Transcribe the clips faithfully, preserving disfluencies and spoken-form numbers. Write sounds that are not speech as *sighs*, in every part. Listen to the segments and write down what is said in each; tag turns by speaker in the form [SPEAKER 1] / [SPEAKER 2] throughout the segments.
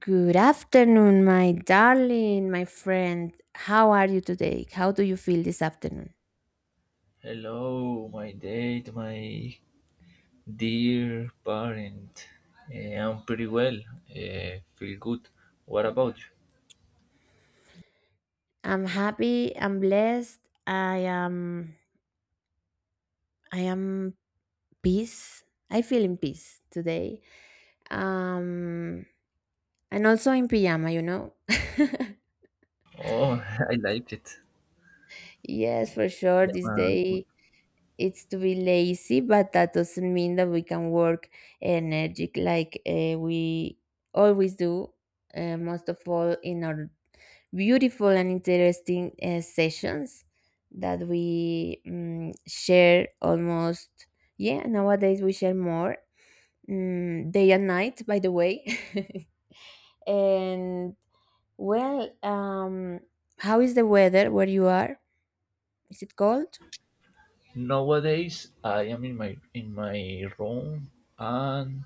[SPEAKER 1] Good afternoon, my darling, my friend. How are you today? How do you feel this afternoon?
[SPEAKER 2] Hello, my date, my dear parent. Eh, I'm pretty well. Eh, feel good. What about you?
[SPEAKER 1] I'm happy, I'm blessed. I am I am peace. I feel in peace today. Um and also in pajama, you know.
[SPEAKER 2] Oh, *laughs* I liked it.
[SPEAKER 1] *laughs* Yes, for sure
[SPEAKER 2] Yeah,
[SPEAKER 1] this
[SPEAKER 2] my good.
[SPEAKER 1] day it's to be lazy, but that doesn't mean that we can work energetic like uh, we always do, uh, most of all in our beautiful and interesting uh, sessions that we um, share almost, yeah, nowadays we share more, mm, day and night, by the way. *laughs* And well um how is the weather where you are? Is it cold?
[SPEAKER 2] Nowadays, I am in my in my room and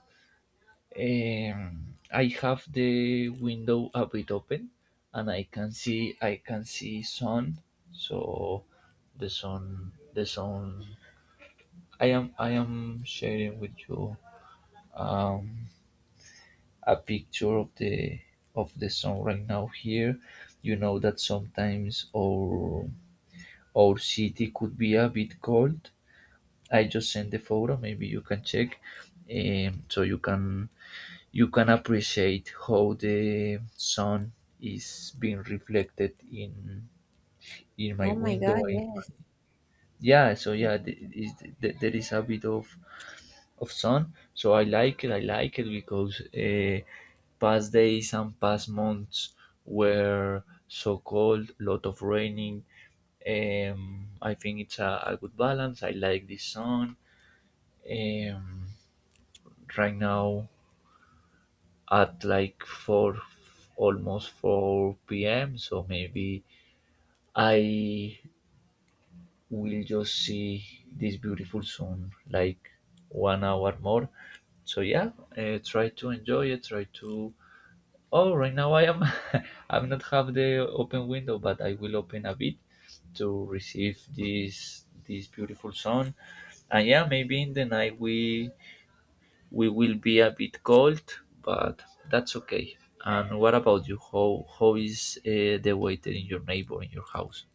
[SPEAKER 2] um, I have the window a bit open, and I can see I can see sun. So the sun the sun. I am I am sharing with you. Um, a picture of the of the sun right now here. You know that sometimes our our city could be a bit cold. I just sent the photo. Maybe you can check, um, so you can you can appreciate how the sun is being reflected in in my
[SPEAKER 1] Oh my
[SPEAKER 2] window.
[SPEAKER 1] God,
[SPEAKER 2] And-
[SPEAKER 1] yes.
[SPEAKER 2] yeah, so yeah, the, is, the, there is a bit of of sun. So I like it. I like it because uh, past days and past months were so cold, lot of raining. Um, I think it's a, a good balance. I like the sun. Um, right now at like four, almost four p m. So maybe I will just see this beautiful sun like one hour more. So yeah, uh, try to enjoy it. Try to Oh, right now I am *laughs* I'm not have the open window, but I will open a bit to receive this this beautiful sun. And yeah, maybe in the night we we will be a bit cold, but that's okay. And what about you? How how is uh, the weather in your neighbor in your house?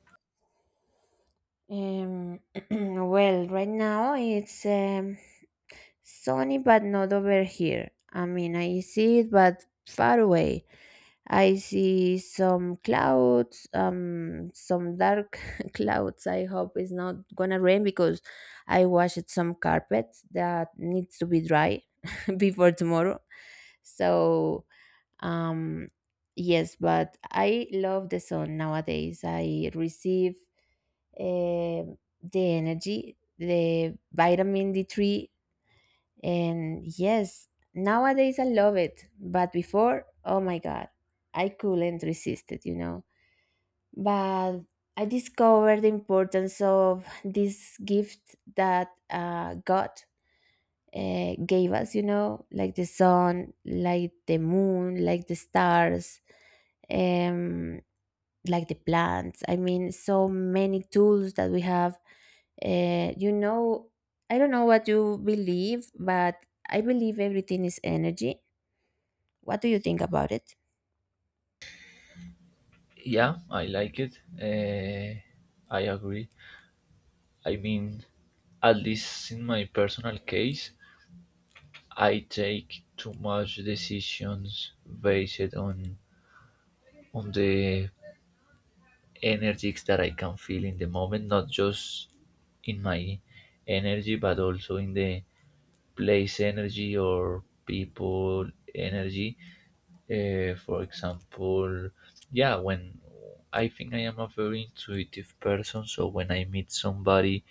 [SPEAKER 1] um *clears throat* well right now it's um sunny, but not over here. I mean, I see it, but far away. I see some clouds, um, some dark *laughs* clouds. I hope it's not gonna rain because I washed some carpet that needs to be dry *laughs* before tomorrow. So, um, yes, but I love the sun nowadays. I receive um the energy, the vitamin D three, and yes, nowadays I love it, but before, oh my God, I couldn't resist it, you know. But I discovered the importance of this gift that uh, God uh, gave us, you know, like the sun, like the moon, like the stars. Um, like the plants. I mean, so many tools that we have. Uh, you know, I don't know what you believe, but I believe everything is energy. What do you think about it?
[SPEAKER 2] Yeah, I like it. Uh, I agree. I mean, at least in my personal case, I take too much decisions based on on the energies that I can feel in the moment, not just in my energy, but also in the place energy or people energy. Uh, for example, yeah, when I think I am a very intuitive person, so when I meet somebody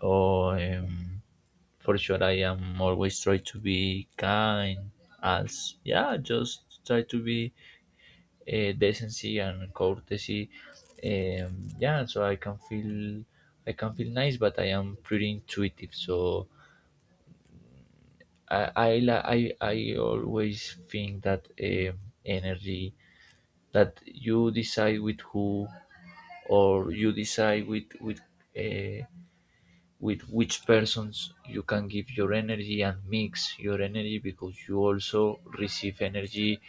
[SPEAKER 2] or um, for sure I am always try to be kind as yeah just try to be uh, decency and courtesy, um, yeah so i can feel i can feel nice but I am pretty intuitive so i i la- i, I always think that um, energy that you decide with who or you decide with with uh, with which persons you can give your energy and mix your energy because you also receive energy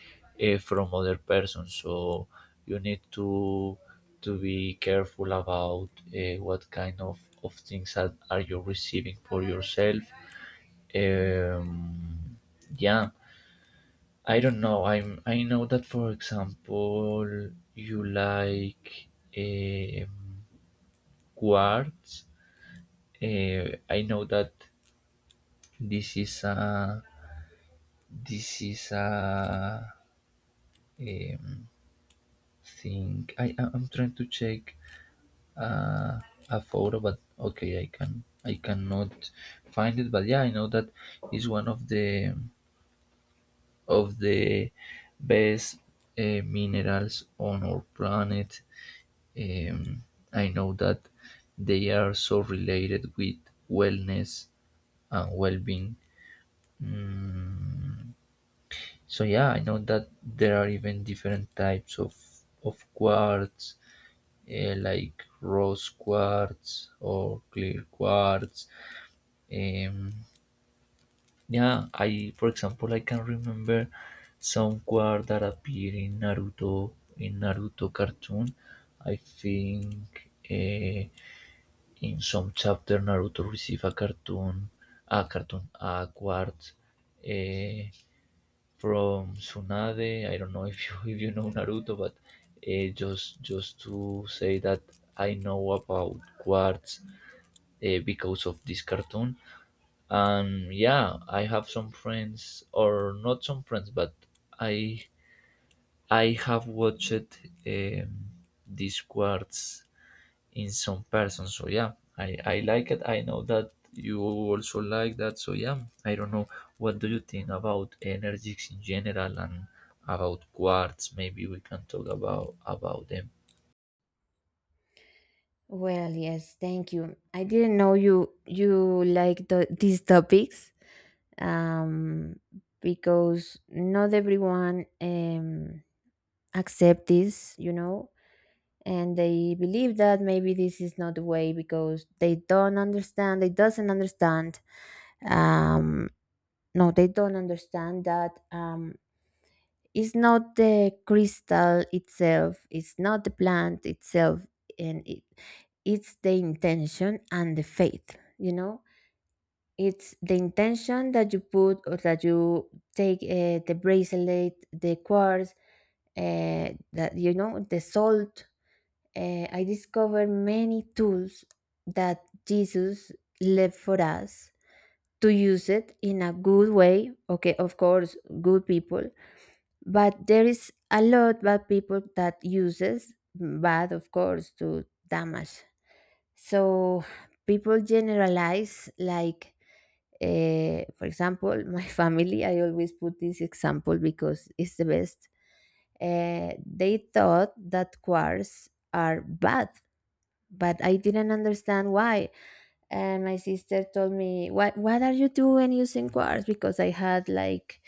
[SPEAKER 2] uh, from other persons, so you need to to be careful about uh, what kind of, of things that are you receiving for yourself. um, yeah I don't know, I'm I know that for example you like eh, um, quartz. uh, I know that This is a this is a um, thing. I I- I'm trying to check uh, a photo, but okay, I can I cannot find it. But yeah, I know that is one of the of the best uh, minerals on our planet. Um, I know that they are so related with wellness and well-being. Mm, so yeah, I know that there are even different types of of quartz, eh, like rose quartz or clear quartz. Um, yeah, I for example I can remember some quartz that appear in Naruto in Naruto cartoon. I think eh, in some chapter Naruto receive a cartoon, a cartoon, a quartz, eh, from Tsunade. I don't know *laughs* if you if you know Naruto, but uh, just just to say that I know about quartz uh, because of this cartoon. And yeah, I have some friends, or not some friends, but I I have watched um, this quartz in some person. So yeah, I I like it. I know that you also like that. So yeah, I don't know. What do you think about energies in general and about quartz? Maybe we can talk about about them.
[SPEAKER 1] Well, yes, thank you. I didn't know you you like the, these topics, um, because not everyone, um, accept this, you know, and they believe that maybe this is not the way because they don't understand, they doesn't understand. Um no they don't understand that, um it's not the crystal itself, it's not the plant itself, and it it's the intention and the faith, you know. It's the intention that you put or that you take, uh, the bracelet, the quartz, uh, that, you know, the salt. uh, I discovered many tools that Jesus left for us to use it in a good way. Okay, of course, good people, but there is a lot bad people that uses bad, of course, to damage. So people generalize like, uh, for example, my *laughs* family. I always put this example because it's the best. Uh, they thought that quarks are bad, but I didn't understand why. And my sister told me, what what are you doing using quartz? Because I had like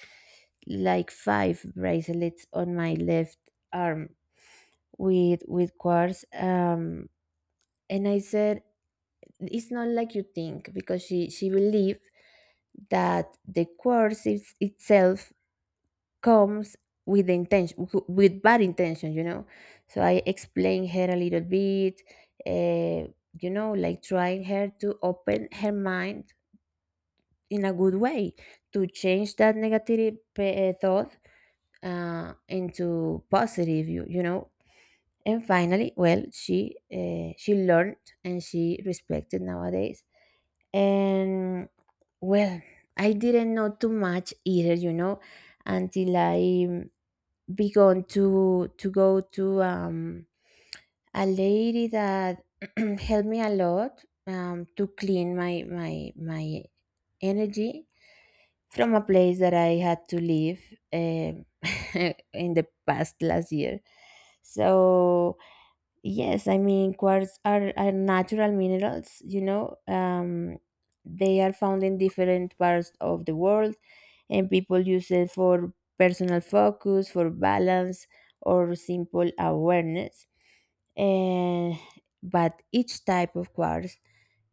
[SPEAKER 1] like five bracelets on my left arm with with quartz. Um and I said, it's not like you think, because she she believed that the quartz is, itself, comes with the intention, with bad intention, you know. So I explained her a little bit, uh, you know, like trying her to open her mind in a good way, to change that negative pe- uh, thought uh, into positive, you, you know. And finally, well, she uh, she learned and she respected nowadays. And well, I didn't know too much either, you know, until I began to to go to um a lady that *clears throat* helped me a lot, um to clean my my my energy from a place that I had to leave, um, *laughs* in the past last year. So, yes, I mean quartz are, are natural minerals, you know. Um, they are found in different parts of the world, and people use it for personal focus, for balance, or simple awareness. And but each type of quartz,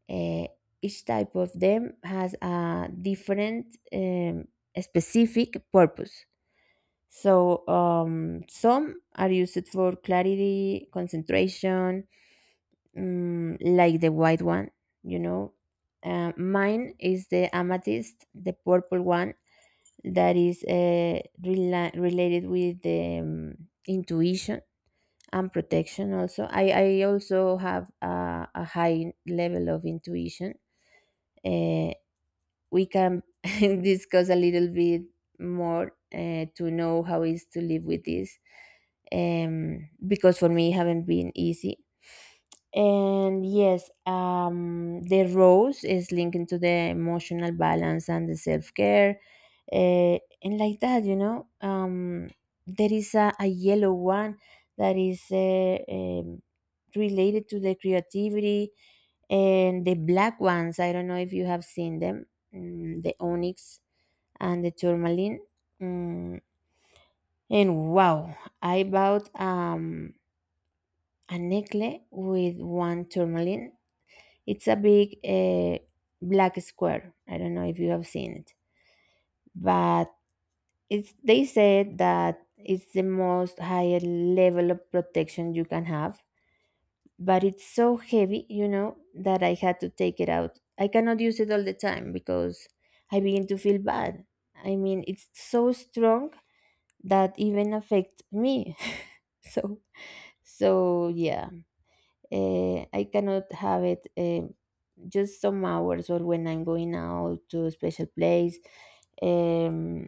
[SPEAKER 1] uh, each type of them has a different, um, specific purpose. So, um, some are used for clarity, concentration, mm, like the white one, you know. Uh, mine is the amethyst, the purple one that is, uh, rela- related with the, um, intuition and protection. Also, I, I also have a, a high level of intuition. Uh, we can *laughs* discuss a little bit more, uh, to know how is to live with this, um, because for me it haven't been easy. And yes, um, the rose is linked to the emotional balance and the self care. Uh, and like that, you know, um, there is a, a yellow one that is, uh, um, related to the creativity, and the black ones. I don't know if you have seen them, mm, the onyx and the tourmaline. Mm, and wow, I bought, um, a necklace with one tourmaline. It's a big uh, black square. I don't know if you have seen it, but it's, they said that it's the most higher level of protection you can have. But it's so heavy, you know, that I had to take it out. I cannot use it all the time because I begin to feel bad. I mean, it's so strong that even affects me. *laughs* So, so yeah, uh, I cannot have it. Eh, just some hours, or when I'm going out to a special place. Um,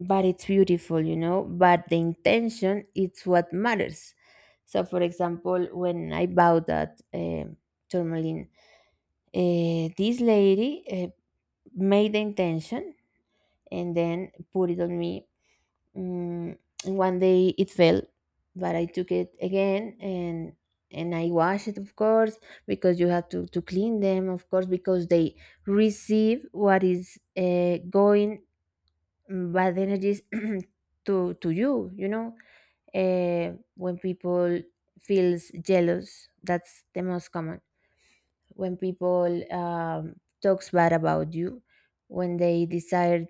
[SPEAKER 1] but it's beautiful, you know. But the intention, it's what matters. So, for example, when I bought that um tourmaline, uh, this lady uh, made the intention and then put it on me. Mm, and one day it fell, but I took it again, and and I wash it, of course, because you have to to clean them, of course, because they receive what is, uh, going, mm, bad energies *clears throat* to to you. You know, uh, when people feels jealous, that's the most common. When people, um, talks bad about you, when they desire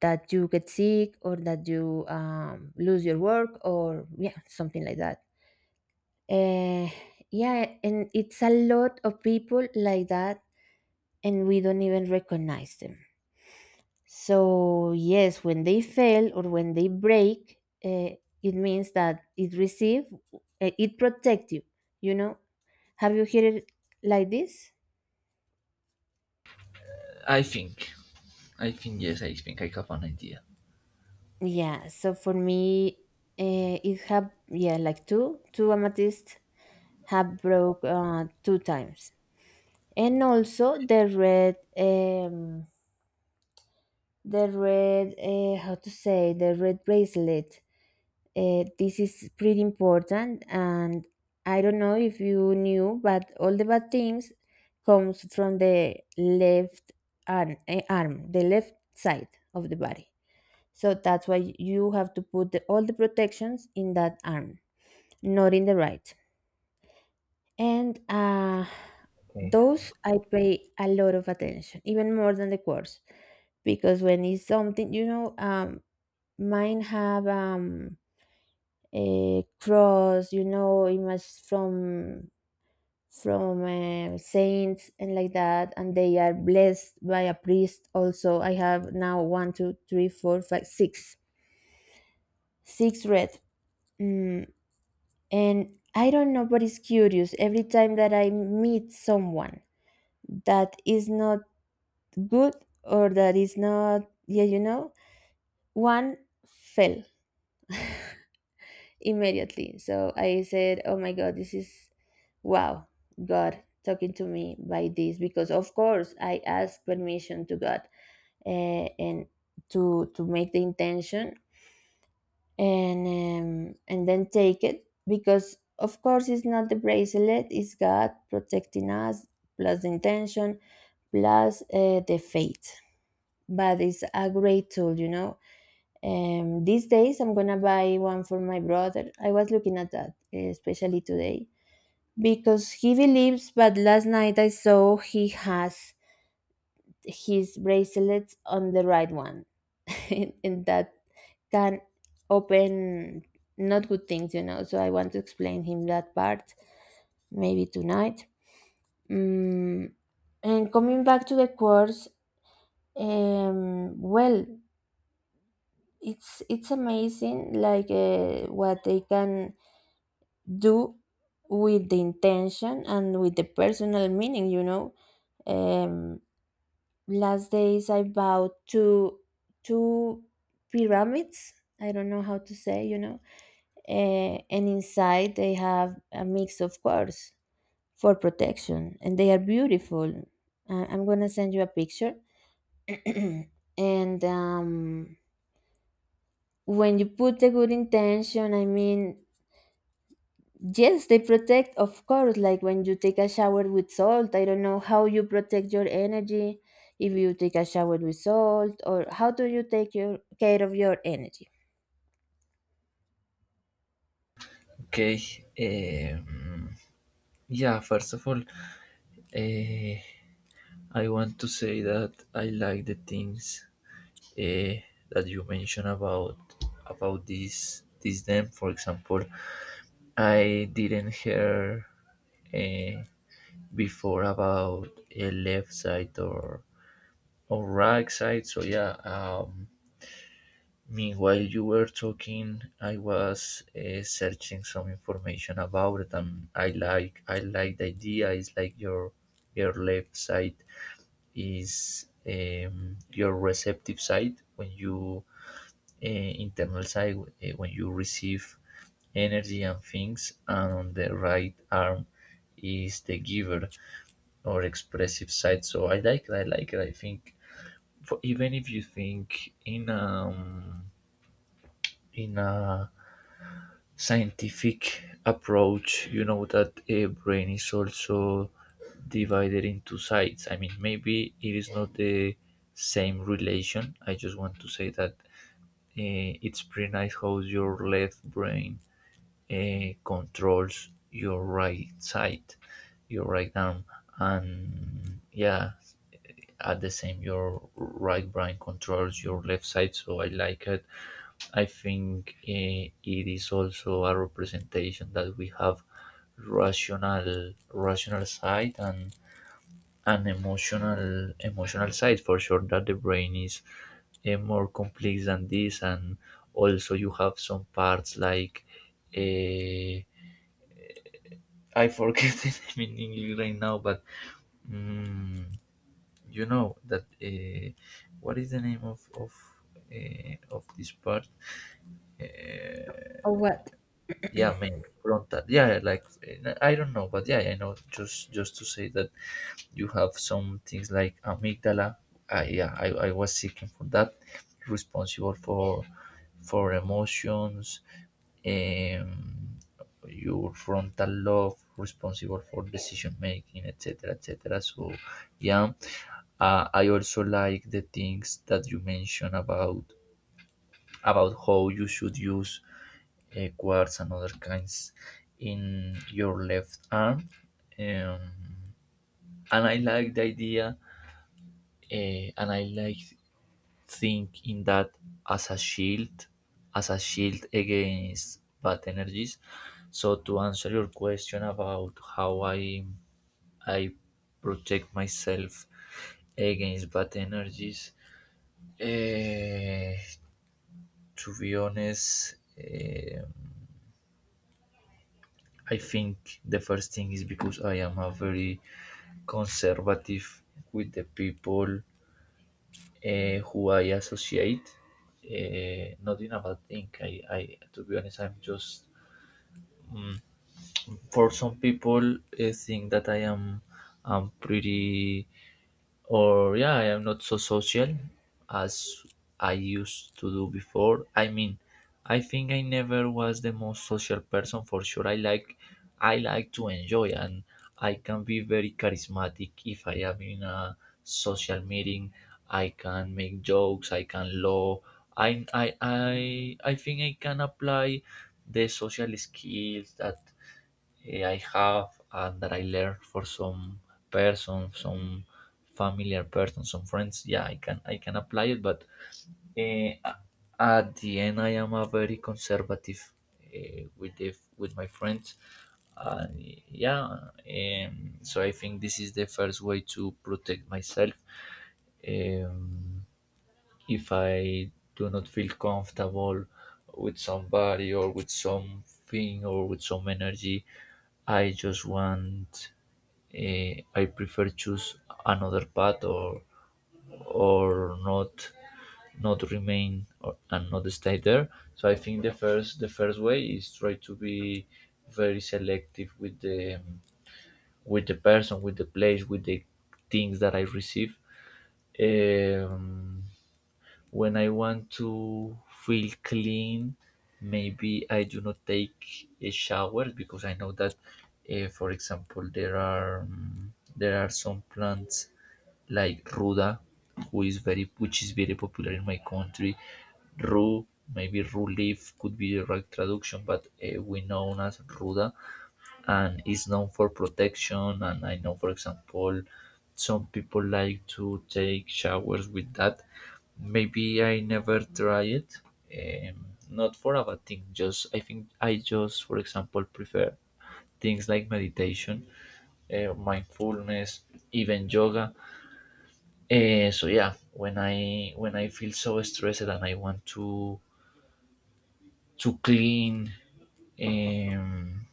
[SPEAKER 1] that you get sick, or that you, um, lose your work, or yeah something like that. uh, yeah, and it's a lot of people like that, and we don't even recognize them. So yes, when they fail or when they break, uh, it means that it receive, uh, it protect you, you know. Have you heard it like this?
[SPEAKER 2] I think. I think yes. I think I have an idea.
[SPEAKER 1] Yeah, so for me, uh, it have, yeah, like two two amethyst have broke uh, two times, and also the red um the red, uh, how to say, the red bracelet. Uh, this is pretty important, and I don't know if you knew, but all the bad things comes from the left arm, eh, arm the left side of the body. So that's why you have to put the, all the protections in that arm, not in the right. And uh,
[SPEAKER 2] Okay.
[SPEAKER 1] those I pay a lot of attention, even more than the course, because when it's something, you know, um, mine have, um, a cross, you know, image from from uh, saints and like that, and they are blessed by a priest. Also, I have now one, two, three, four, five, six, six red. Mm, And I don't know, but it's curious every time that I meet someone that is not good, or that is not, yeah, you know, one fell immediately. So I said, oh my God, this is, wow, God talking to me by this, because of course I asked permission to God, uh, and to to make the intention, and um, and then take it, because of course it's not the bracelet, it's God protecting us, plus the intention, plus uh, the faith. But it's a great tool, you know. Um, these days I'm gonna buy one for my brother. I was looking at that especially today because he believes, but last night I saw he has his bracelets on the right one. *laughs* and, and that can open not good things, you know. So I want to explain him that part, maybe tonight. mm, and coming back to the course, um, well, it's it's amazing, like, uh, what they can do with the intention and with the personal meaning, you know. um, Last days I bought two two pyramids. I don't know how to say, you know, uh, and inside they have a mix of quartz for protection, and they are beautiful. Uh, I'm gonna send you a picture, *clears throat* and um, when you put a good intention, I mean, yes, they protect, of course, like when you take a shower with salt. I don't know how you protect your energy if you take a shower with salt, or how do you take your care of your energy?
[SPEAKER 2] Okay. Um, yeah. First of all, uh, I want to say that I like the things uh, that you mentioned about about this this them. For example, I didn't hear uh, before about a left side or or right side. So yeah. Um, meanwhile, you were talking. I was uh, searching some information about it, and I like I like the idea. It's like your your left side is um, your receptive side when you uh, internal side eh, when you receive energy and things, and on the right arm is the giver or expressive side. So I like it. I like it. I think for, even if you think in um in a scientific approach, you know that a brain is also divided into sides. I mean, maybe it is not the same relation. I just want to say that uh, it's pretty nice how your left brain it controls your right side, your right arm, and yeah, at the same, your right brain controls your left side. So I like it. I think eh, it is also a representation that we have rational, rational side and an emotional, emotional side for sure. That the brain is eh, more complex than this, and also you have some parts like. eh I forget *laughs* the name in English right now, but mm, you know that uh, what is the name of of uh, of this part? Uh,
[SPEAKER 1] Or what?
[SPEAKER 2] yeah, main frontal. Yeah, like uh, I don't know, but yeah, I know. Just just to say that you have some things like amygdala. Uh, yeah, I, I was seeking for that, responsible for for emotions, um, your frontal lobe responsible for decision making, etc., etc. So yeah, uh, I also like the things that you mentioned about about how you should use uh, quartz and other kinds in your left arm. um, and I like the idea, uh, and I like think in that as a shield, as a shield against bad energies. So to answer your question about how I I protect myself against bad energies, eh, to be honest, eh, I think the first thing is because I am a very conservative with the people uh, who I associate, uh, not in a bad thing. I, I to be honest, I'm just mm, for some people uh, think that I am I'm pretty or yeah I am not so social as I used to do before. I mean, I think I never was the most social person for sure. i like I like to enjoy and I can be very charismatic if I am in a social meeting. I can make jokes, I can laugh. i i i, I think I can apply the social skills that eh, I have and that I learned for some person, some familiar person, some friends. Yeah, I can I can apply it, but eh, a- at the end, I am a very conservative eh, with the, with my friends. Uh, yeah, um, so I think this is the first way to protect myself. Um, if I do not feel comfortable with somebody or with something or with some energy, I just want. Eh, I prefer choose another path or or not not remain or, and not stay there. So I think the first the first way is try to be very selective with the with the person, with the place, with the things that I receive. Um, when I want to feel clean, maybe I do not take a shower because I know that, uh, for example, there are um, there are some plants like ruda, who is very which is very popular in my country. Rue, maybe rue leaf could be the right traduction, but uh, we know as ruda, and it's known for protection. And I know, for example, some people like to take showers with that. Maybe I never try it. Um, not for a bad thing. Just I think I just, for example, prefer things like meditation, uh, mindfulness, even yoga. Uh, so yeah, when I when I feel so stressed and I want to to clean. Um,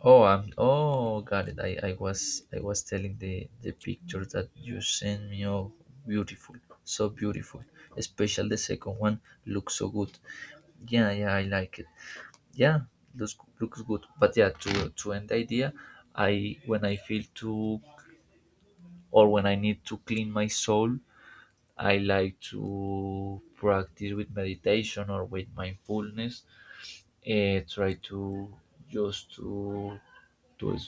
[SPEAKER 2] Oh, I'm. Oh, got it. I, I was I was telling the the picture that you sent me. Oh, beautiful, so beautiful. Especially the second one looks so good. Yeah, yeah, I like it. Yeah, looks looks good. But yeah, to to end the idea, I when I feel to or when I need to clean my soul, I like to practice with meditation or with mindfulness. Uh, try to just to to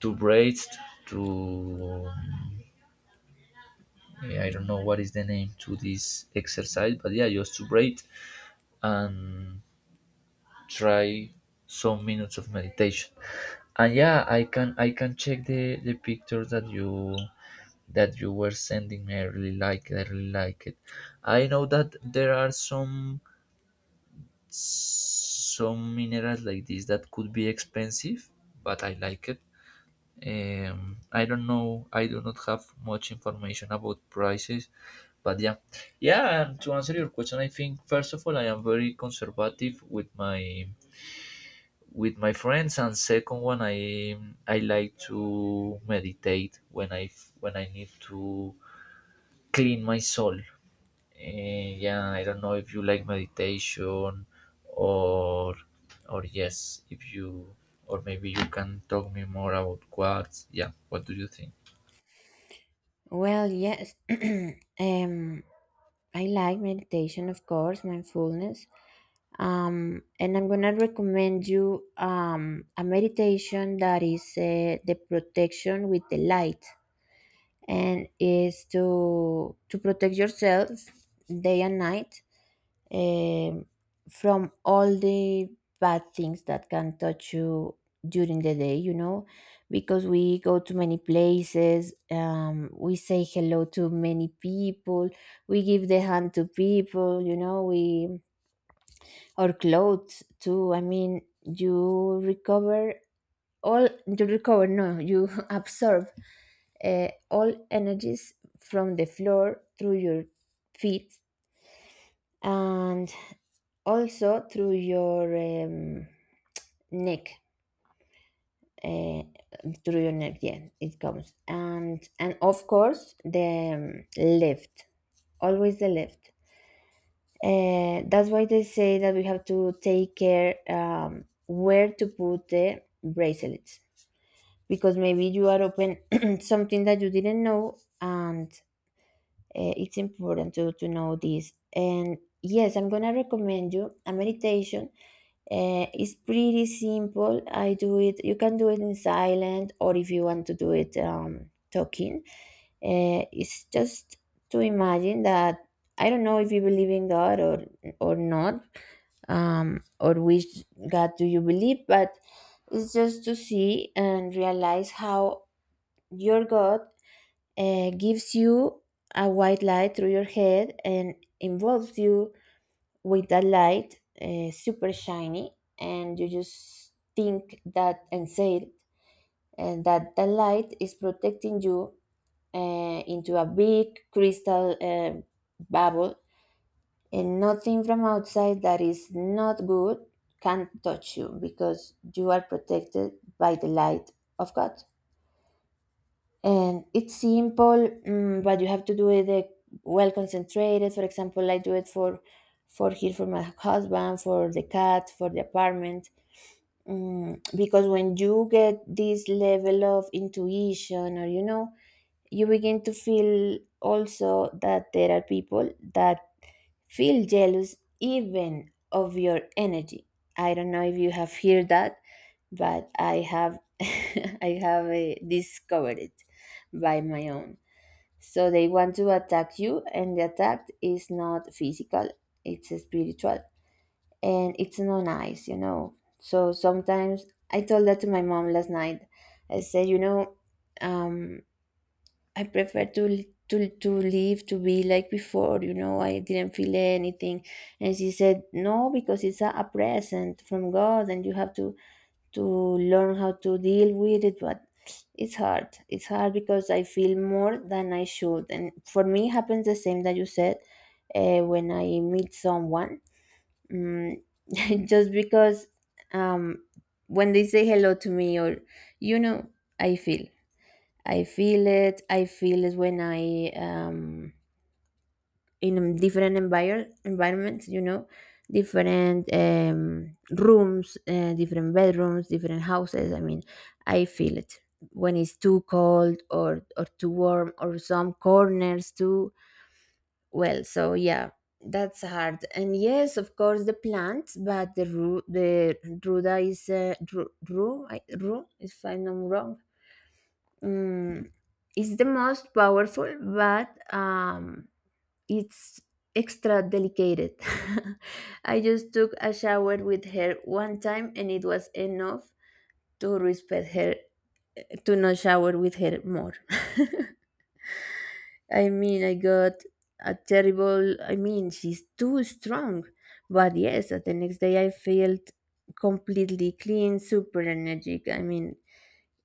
[SPEAKER 2] to braids to eh, I don't know what is the name to this exercise, but yeah just to braid and try some minutes of meditation. And yeah, i can I can check the the picture that you that you were sending me. i really like it I really like it. I know that there are some some minerals like this that could be expensive, but I like it. Um, I don't know. I do not have much information about prices, but yeah, yeah. And to answer your question, I think first of all, I am very conservative with my with my friends, and second one, I I like to meditate when I f- when I need to clean my soul. Uh, yeah, I don't know if you like meditation or or yes, if you or maybe you can talk me more about quartz. Yeah, what do you think?
[SPEAKER 1] Well, yes. *clears throat* um, I like meditation, of course, mindfulness. Um, and I'm gonna recommend you, um, a meditation that is, uh, the protection with the light, and is to to protect yourself day and night, um, from all the bad things that can touch you during the day, you know, because we go to many places, um, we say hello to many people, we give the hand to people, you know, we, or clothes too. I mean, you recover all, you recover, no, you *laughs* absorb uh, all energies from the floor through your feet, and also through your um, neck. uh, Through your neck, yeah, it comes, and and of course the um, left, always the left. Uh, that's why they say that we have to take care um, where to put the bracelets, because maybe you are open *clears throat* something that you didn't know. And uh, it's important to, to know this. And yes, I'm gonna recommend you a meditation. Uh, it's pretty simple. I do it. You can do it in silent, or if you want to do it um, talking. Uh, it's just to imagine that... I don't know if you believe in God or or not, um, or which God do you believe, but it's just to see and realize how your God uh, gives you a white light through your head and involves you with that light, uh, super shiny, and you just think that and say it, and that the light is protecting you uh, into a big crystal uh, bubble, and nothing from outside that is not good can touch you because you are protected by the light of God. And it's simple, mm, but you have to do it uh, well concentrated. For example, I do it for for here, for my husband, for the cat, for the apartment, mm, because when you get this level of intuition, or you know, you begin to feel also that there are people that feel jealous even of your energy. I don't know if you have heard that, but I have *laughs* I have uh, discovered it by my own. So they want to attack you, and the attack is not physical, it's spiritual, and it's not nice, you know. So sometimes I told that to my mom last night. I said, you know, um I prefer to to to live, to be like before. You know, I didn't feel anything. And she said, no, because it's a, a present from God, and you have to to learn how to deal with it, but it's hard. It's hard because I feel more than I should. And for me happens the same that you said, uh, when I meet someone. Mm, *laughs* just because um when they say hello to me, or you know, I feel. I feel it. I feel it when I um in different envir- environments. You know, different um rooms, uh, different bedrooms, different houses. I mean, I feel it when it's too cold, or or too warm, or some corners too. Well, so yeah, that's hard. And yes, of course, the plants, but the ru- the ruda is uh, ru- ru. I, room, if I'm not wrong, mm, it's the most powerful, but um, it's extra delicate. *laughs* I just took a shower with her one time, and it was enough to respect her, to not shower with her more. *laughs* I mean, I got a terrible. I mean, she's too strong. But yes, uh, the next day I felt completely clean, super energetic. I mean,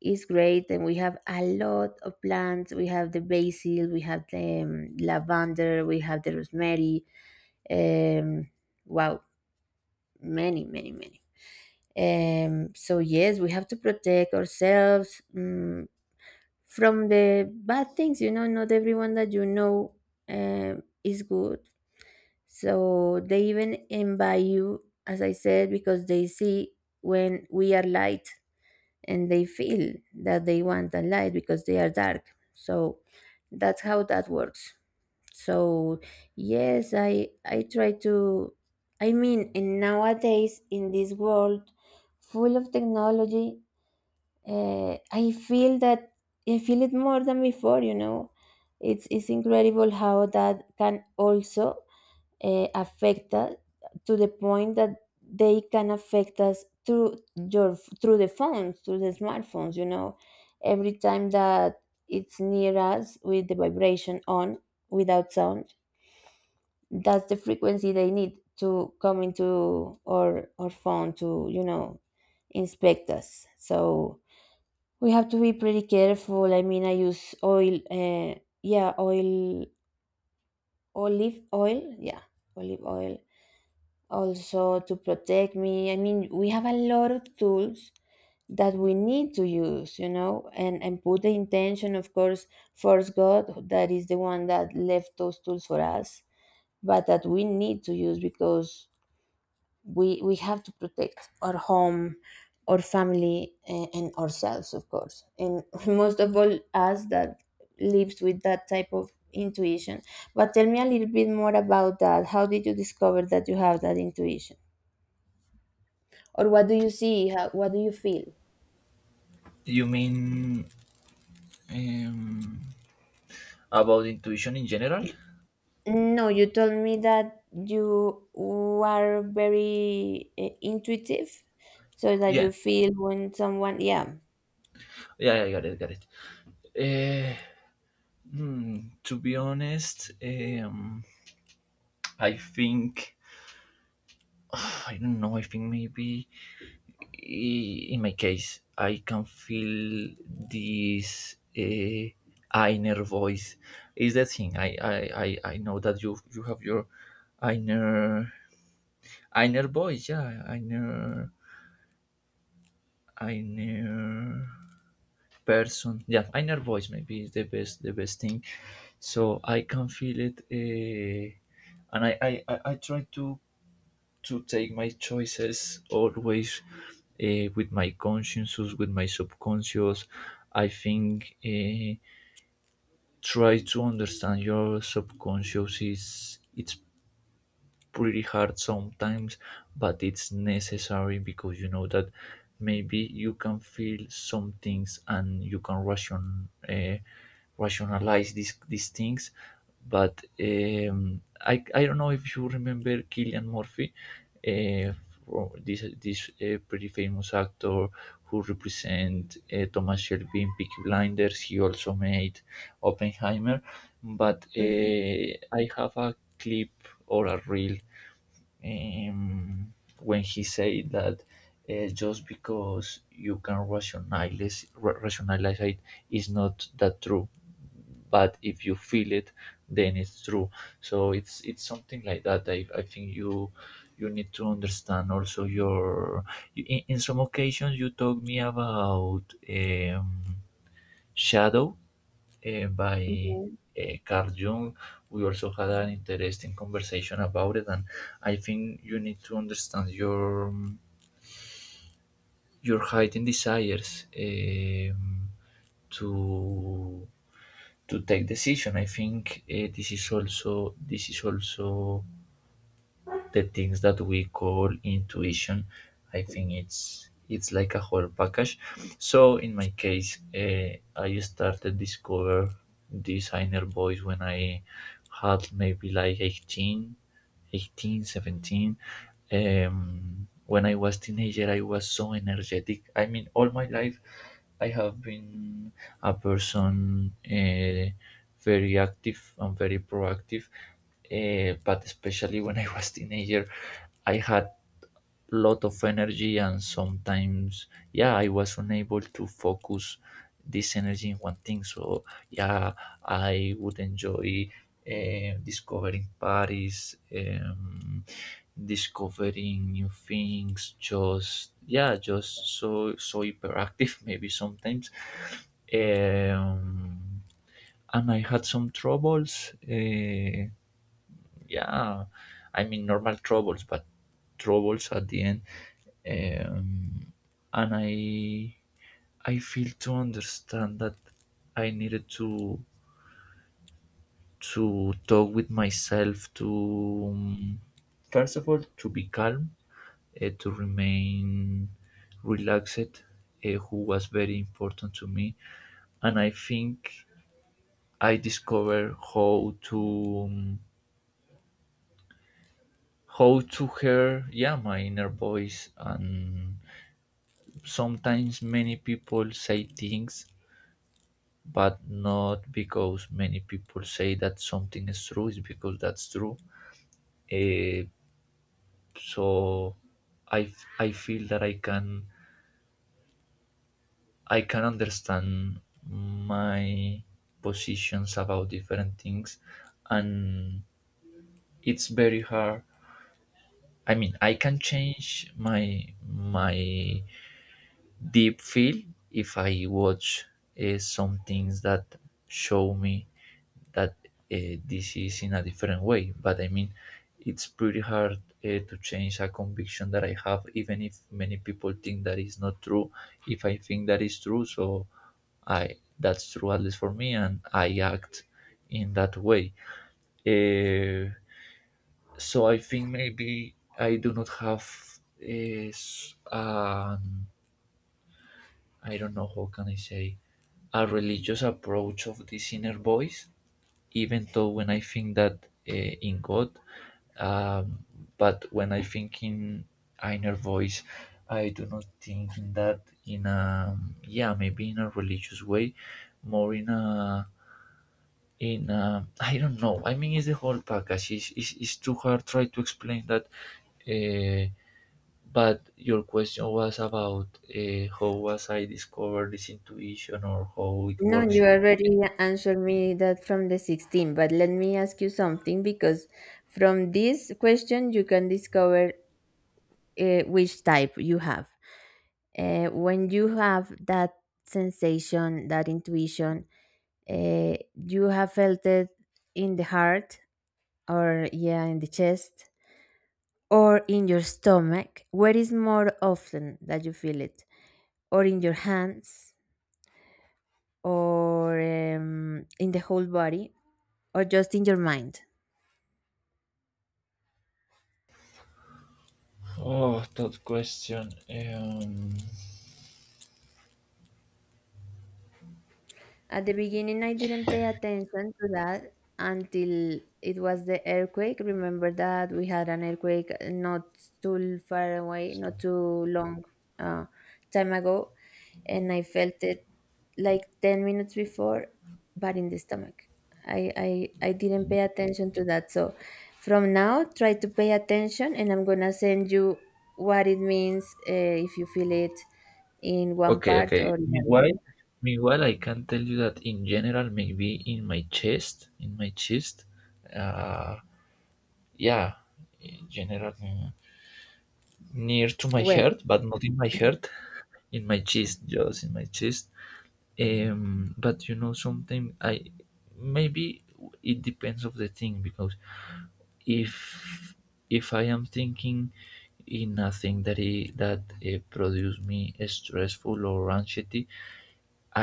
[SPEAKER 1] is great. And we have a lot of plants. We have the basil, we have the um, lavender, we have the rosemary. um, wow, many, many, many. Um, so yes, we have to protect ourselves um, from the bad things, you know. Not everyone that you know um, is good. So they even invite you, as I said, because they see when we are light, and they feel that they want a light because they are dark. So that's how that works. So yes, i i try to... I mean, and nowadays in this world full of technology, uh, I feel that... I feel it more than before, you know. It's it's incredible how that can also uh, affect us, to the point that they can affect us through your through the phones, through the smartphones, you know. Every time that it's near us with the vibration on, without sound, that's the frequency they need to come into our our phone to you know inspect us. So we have to be pretty careful. I mean, I use oil, uh, yeah, oil, olive oil, yeah, olive oil, also to protect me. I mean, we have a lot of tools that we need to use, you know, and, and put the intention, of course. First God, that is the one that left those tools for us, but that we need to use, because we, we have to protect our home, our family, and, and ourselves, of course. And *laughs* most of all, us that lives with that type of intuition. But tell me a little bit more about that. How did you discover that you have that intuition? Or what do you see? How, what do you feel?
[SPEAKER 2] You mean um, about intuition in general?
[SPEAKER 1] No, you told me that you are very uh, intuitive, so that
[SPEAKER 2] Yeah,
[SPEAKER 1] you feel when someone, yeah.
[SPEAKER 2] yeah, yeah, got it, got it. Uh, hmm, to be honest, um, I think *sighs* I don't know. I think maybe i- in my case, I can feel this uh, inner voice. Is that thing? I, I, I, I know that you you have your inner inner voice. Yeah, inner inner person, yeah, inner voice maybe is the best the best thing. So I can feel it. Uh, and I, I i I try to to take my choices always, uh, with my consciences, with my subconscious, I think. Uh, try to understand your subconscious, is it's pretty hard sometimes, but it's necessary because you know that maybe you can feel some things and you can ration uh, rationalize these these things. But um, I I don't know if you remember Killian Murphy, uh, fro- this this uh, pretty famous actor who represent uh, Thomas Shelby in Peaky Blinders. He also made Oppenheimer, but
[SPEAKER 1] Mhm.
[SPEAKER 2] uh, I have a clip or a reel, um, when he said that, uh, just because you can rationalize ra- rationalize it is not that true, but if you feel it, then it's true. So it's it's something like that. i, I think you you need to understand also your in, in some occasions you talk me about um, shadow, uh, by
[SPEAKER 1] Mhm.
[SPEAKER 2] uh, Carl Jung. We also had an interesting conversation about it, and I think you need to understand your your heightened desires, um, to to take decision. I think uh, this is also this is also the things that we call intuition. I think it's it's like a whole package. So in my case, uh, I started discover this inner voice when I had maybe like eighteen, eighteen, seventeen. Um, when I was teenager, I was so energetic. I mean, all my life I have been a person uh, very active and very proactive, uh, but especially when I was teenager, I had lot of energy, and sometimes, yeah, I was unable to focus this energy in one thing. So yeah, I would enjoy, eh, discovering Paris, um, discovering new things. Just yeah, just so so hyperactive *laughs* maybe sometimes. um, and I had some troubles, eh, yeah, I mean normal troubles, but troubles at the end. um, and i i feel to understand that I needed to to talk with myself, to um, first of all, to be calm, uh, to remain relaxed, uh, who was very important to me. And I think I discovered how to, um, how to hear, yeah, my inner voice. And sometimes many people say things, but not because many people say that something is true is because that's true. Eh, so I f- I feel that I can, I can understand my positions about different things. And it's very hard. I mean, I can change my my deep feel if I watch uh, some things that show me that uh, this is in a different way. But I mean, it's pretty hard uh, to change a conviction that I have, even if many people think that is not true. If I think that is true, so I that's true at least for me, and I act in that way. Uh, so I think maybe I do not have is um, I don't know how can I say, a religious approach of this inner voice, even though when I think that uh, in God, um, but when I think in inner voice, I do not think in that in a, yeah, maybe in a religious way, more in a, in a, I don't know. I mean, it's the whole package. It's, it's, it's too hard try to explain that. Uh, but your question was about, uh, how was I discovered this intuition or how it
[SPEAKER 1] No,
[SPEAKER 2] works.
[SPEAKER 1] you already answered me that from the sixteen, but let me ask you something, because from this question you can discover uh, which type you have. Uh, when you have that sensation, that intuition, uh, you have felt it in the heart, or yeah, in the chest, or in your stomach, where is more often that you feel it, or in your hands, or um, in the whole body, or just in your mind?
[SPEAKER 2] Oh, that question. Um,
[SPEAKER 1] At the beginning, I didn't pay attention to that, until it was the earthquake. Remember that we had an earthquake, uh, not too far away, not too long uh, time ago, and I felt it like ten minutes before, but in the stomach. I, I, I didn't pay attention to that. So from now, try to pay attention, and I'm going to send you what it means, uh, if you feel it in one
[SPEAKER 2] okay,
[SPEAKER 1] part
[SPEAKER 2] okay.
[SPEAKER 1] or in another.
[SPEAKER 2] Meanwhile, meanwhile, I can tell you that in general, maybe in my chest, in my chest, uh, yeah, in general, mm, near to my
[SPEAKER 1] Well,
[SPEAKER 2] heart, but not in my heart, in my chest, just in my chest. Um, but you know, sometimes I, maybe it depends of the thing, because if if I am thinking in a thing that I that uh, produce me stressful or anxiety,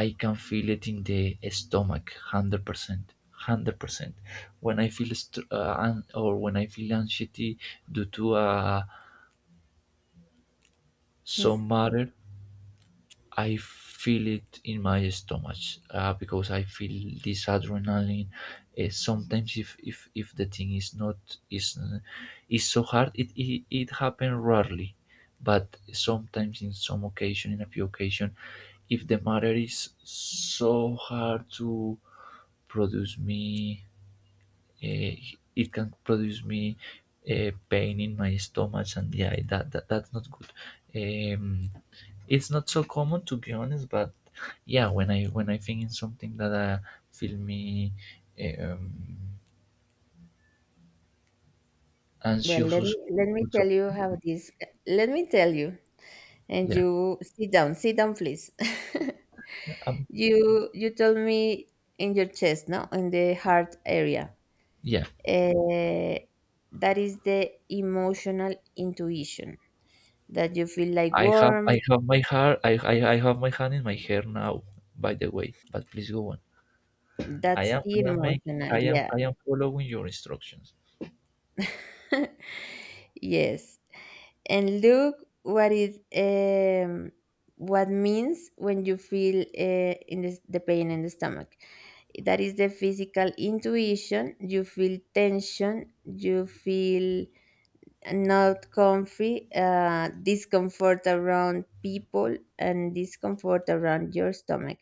[SPEAKER 2] I can feel it in the stomach one hundred percent. one hundred percent when I feel st- uh, an- or when I feel anxiety due to uh,
[SPEAKER 1] *laughs*
[SPEAKER 2] some matter, I feel it in my stomach, uh, because I feel this adrenaline. Uh, sometimes, if, if if the thing is not is is so hard, it it, it happens rarely, but sometimes in some occasion, in a few occasion, if the matter is so hard to produce me, uh, it can produce me uh, pain in my stomach, and yeah, that, that that's not good. Um, it's not so common to be honest, but yeah, when I when i think in something that uh, feel me um,
[SPEAKER 1] well,
[SPEAKER 2] anxious
[SPEAKER 1] let me let me
[SPEAKER 2] or so,
[SPEAKER 1] tell you how this. Let me tell you, and
[SPEAKER 2] yeah.
[SPEAKER 1] you sit down, sit down, please. *laughs*
[SPEAKER 2] um,
[SPEAKER 1] you you told me in your chest, no, in the heart area.
[SPEAKER 2] yeah,
[SPEAKER 1] Uh, that is the emotional intuition, that you feel like
[SPEAKER 2] i have I
[SPEAKER 1] warm.
[SPEAKER 2] have my heart, I, I I have my hand in my hair now, by the way, but please go on. i
[SPEAKER 1] That's
[SPEAKER 2] am
[SPEAKER 1] the
[SPEAKER 2] I am Making,
[SPEAKER 1] emotional,
[SPEAKER 2] i am
[SPEAKER 1] yeah.
[SPEAKER 2] I am following your instructions.
[SPEAKER 1] *laughs* Yes. And look what it um, what means when you feel uh, in the, the pain in the stomach. That is the physical intuition. You feel tension. You feel not comfy, uh, discomfort around people, and discomfort around your stomach.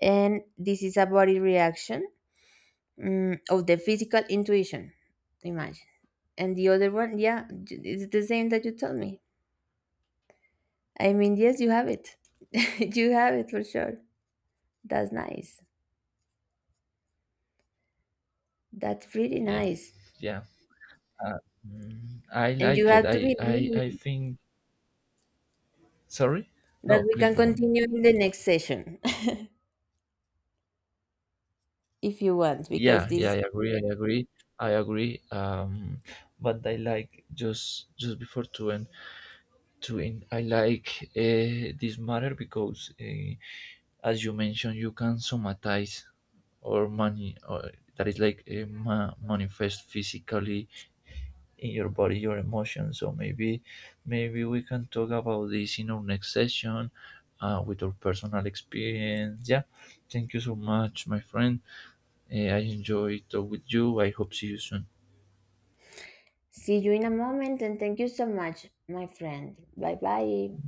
[SPEAKER 1] And this is a body reaction, mm, of the physical intuition. Imagine. And the other one, yeah, j- it's the same that you told me. I mean, yes, you have it. *laughs* You have it for sure. That's nice. That's pretty
[SPEAKER 2] Yeah,
[SPEAKER 1] nice.
[SPEAKER 2] yeah. uh, mm, I
[SPEAKER 1] And you
[SPEAKER 2] like it.
[SPEAKER 1] have to
[SPEAKER 2] i i I
[SPEAKER 1] believe
[SPEAKER 2] think, sorry, no,
[SPEAKER 1] that we
[SPEAKER 2] please
[SPEAKER 1] can
[SPEAKER 2] go on.
[SPEAKER 1] continue in the next session, *laughs* if you want, because
[SPEAKER 2] Yeah, yeah, I
[SPEAKER 1] this...
[SPEAKER 2] agree. I agree. I agree. Um, but I like, just just before to end to end, I like uh, this matter because, uh, as you mentioned, you can somatize or money, or that is like, uh, ma- manifest physically in your body, your emotions. So maybe maybe we can talk about this in our next session, uh, with our personal experience. Yeah, thank you so much, my friend. Uh, I enjoy talk with you. I hope see you soon.
[SPEAKER 1] See you in a moment, and thank you so much, my friend. Bye bye.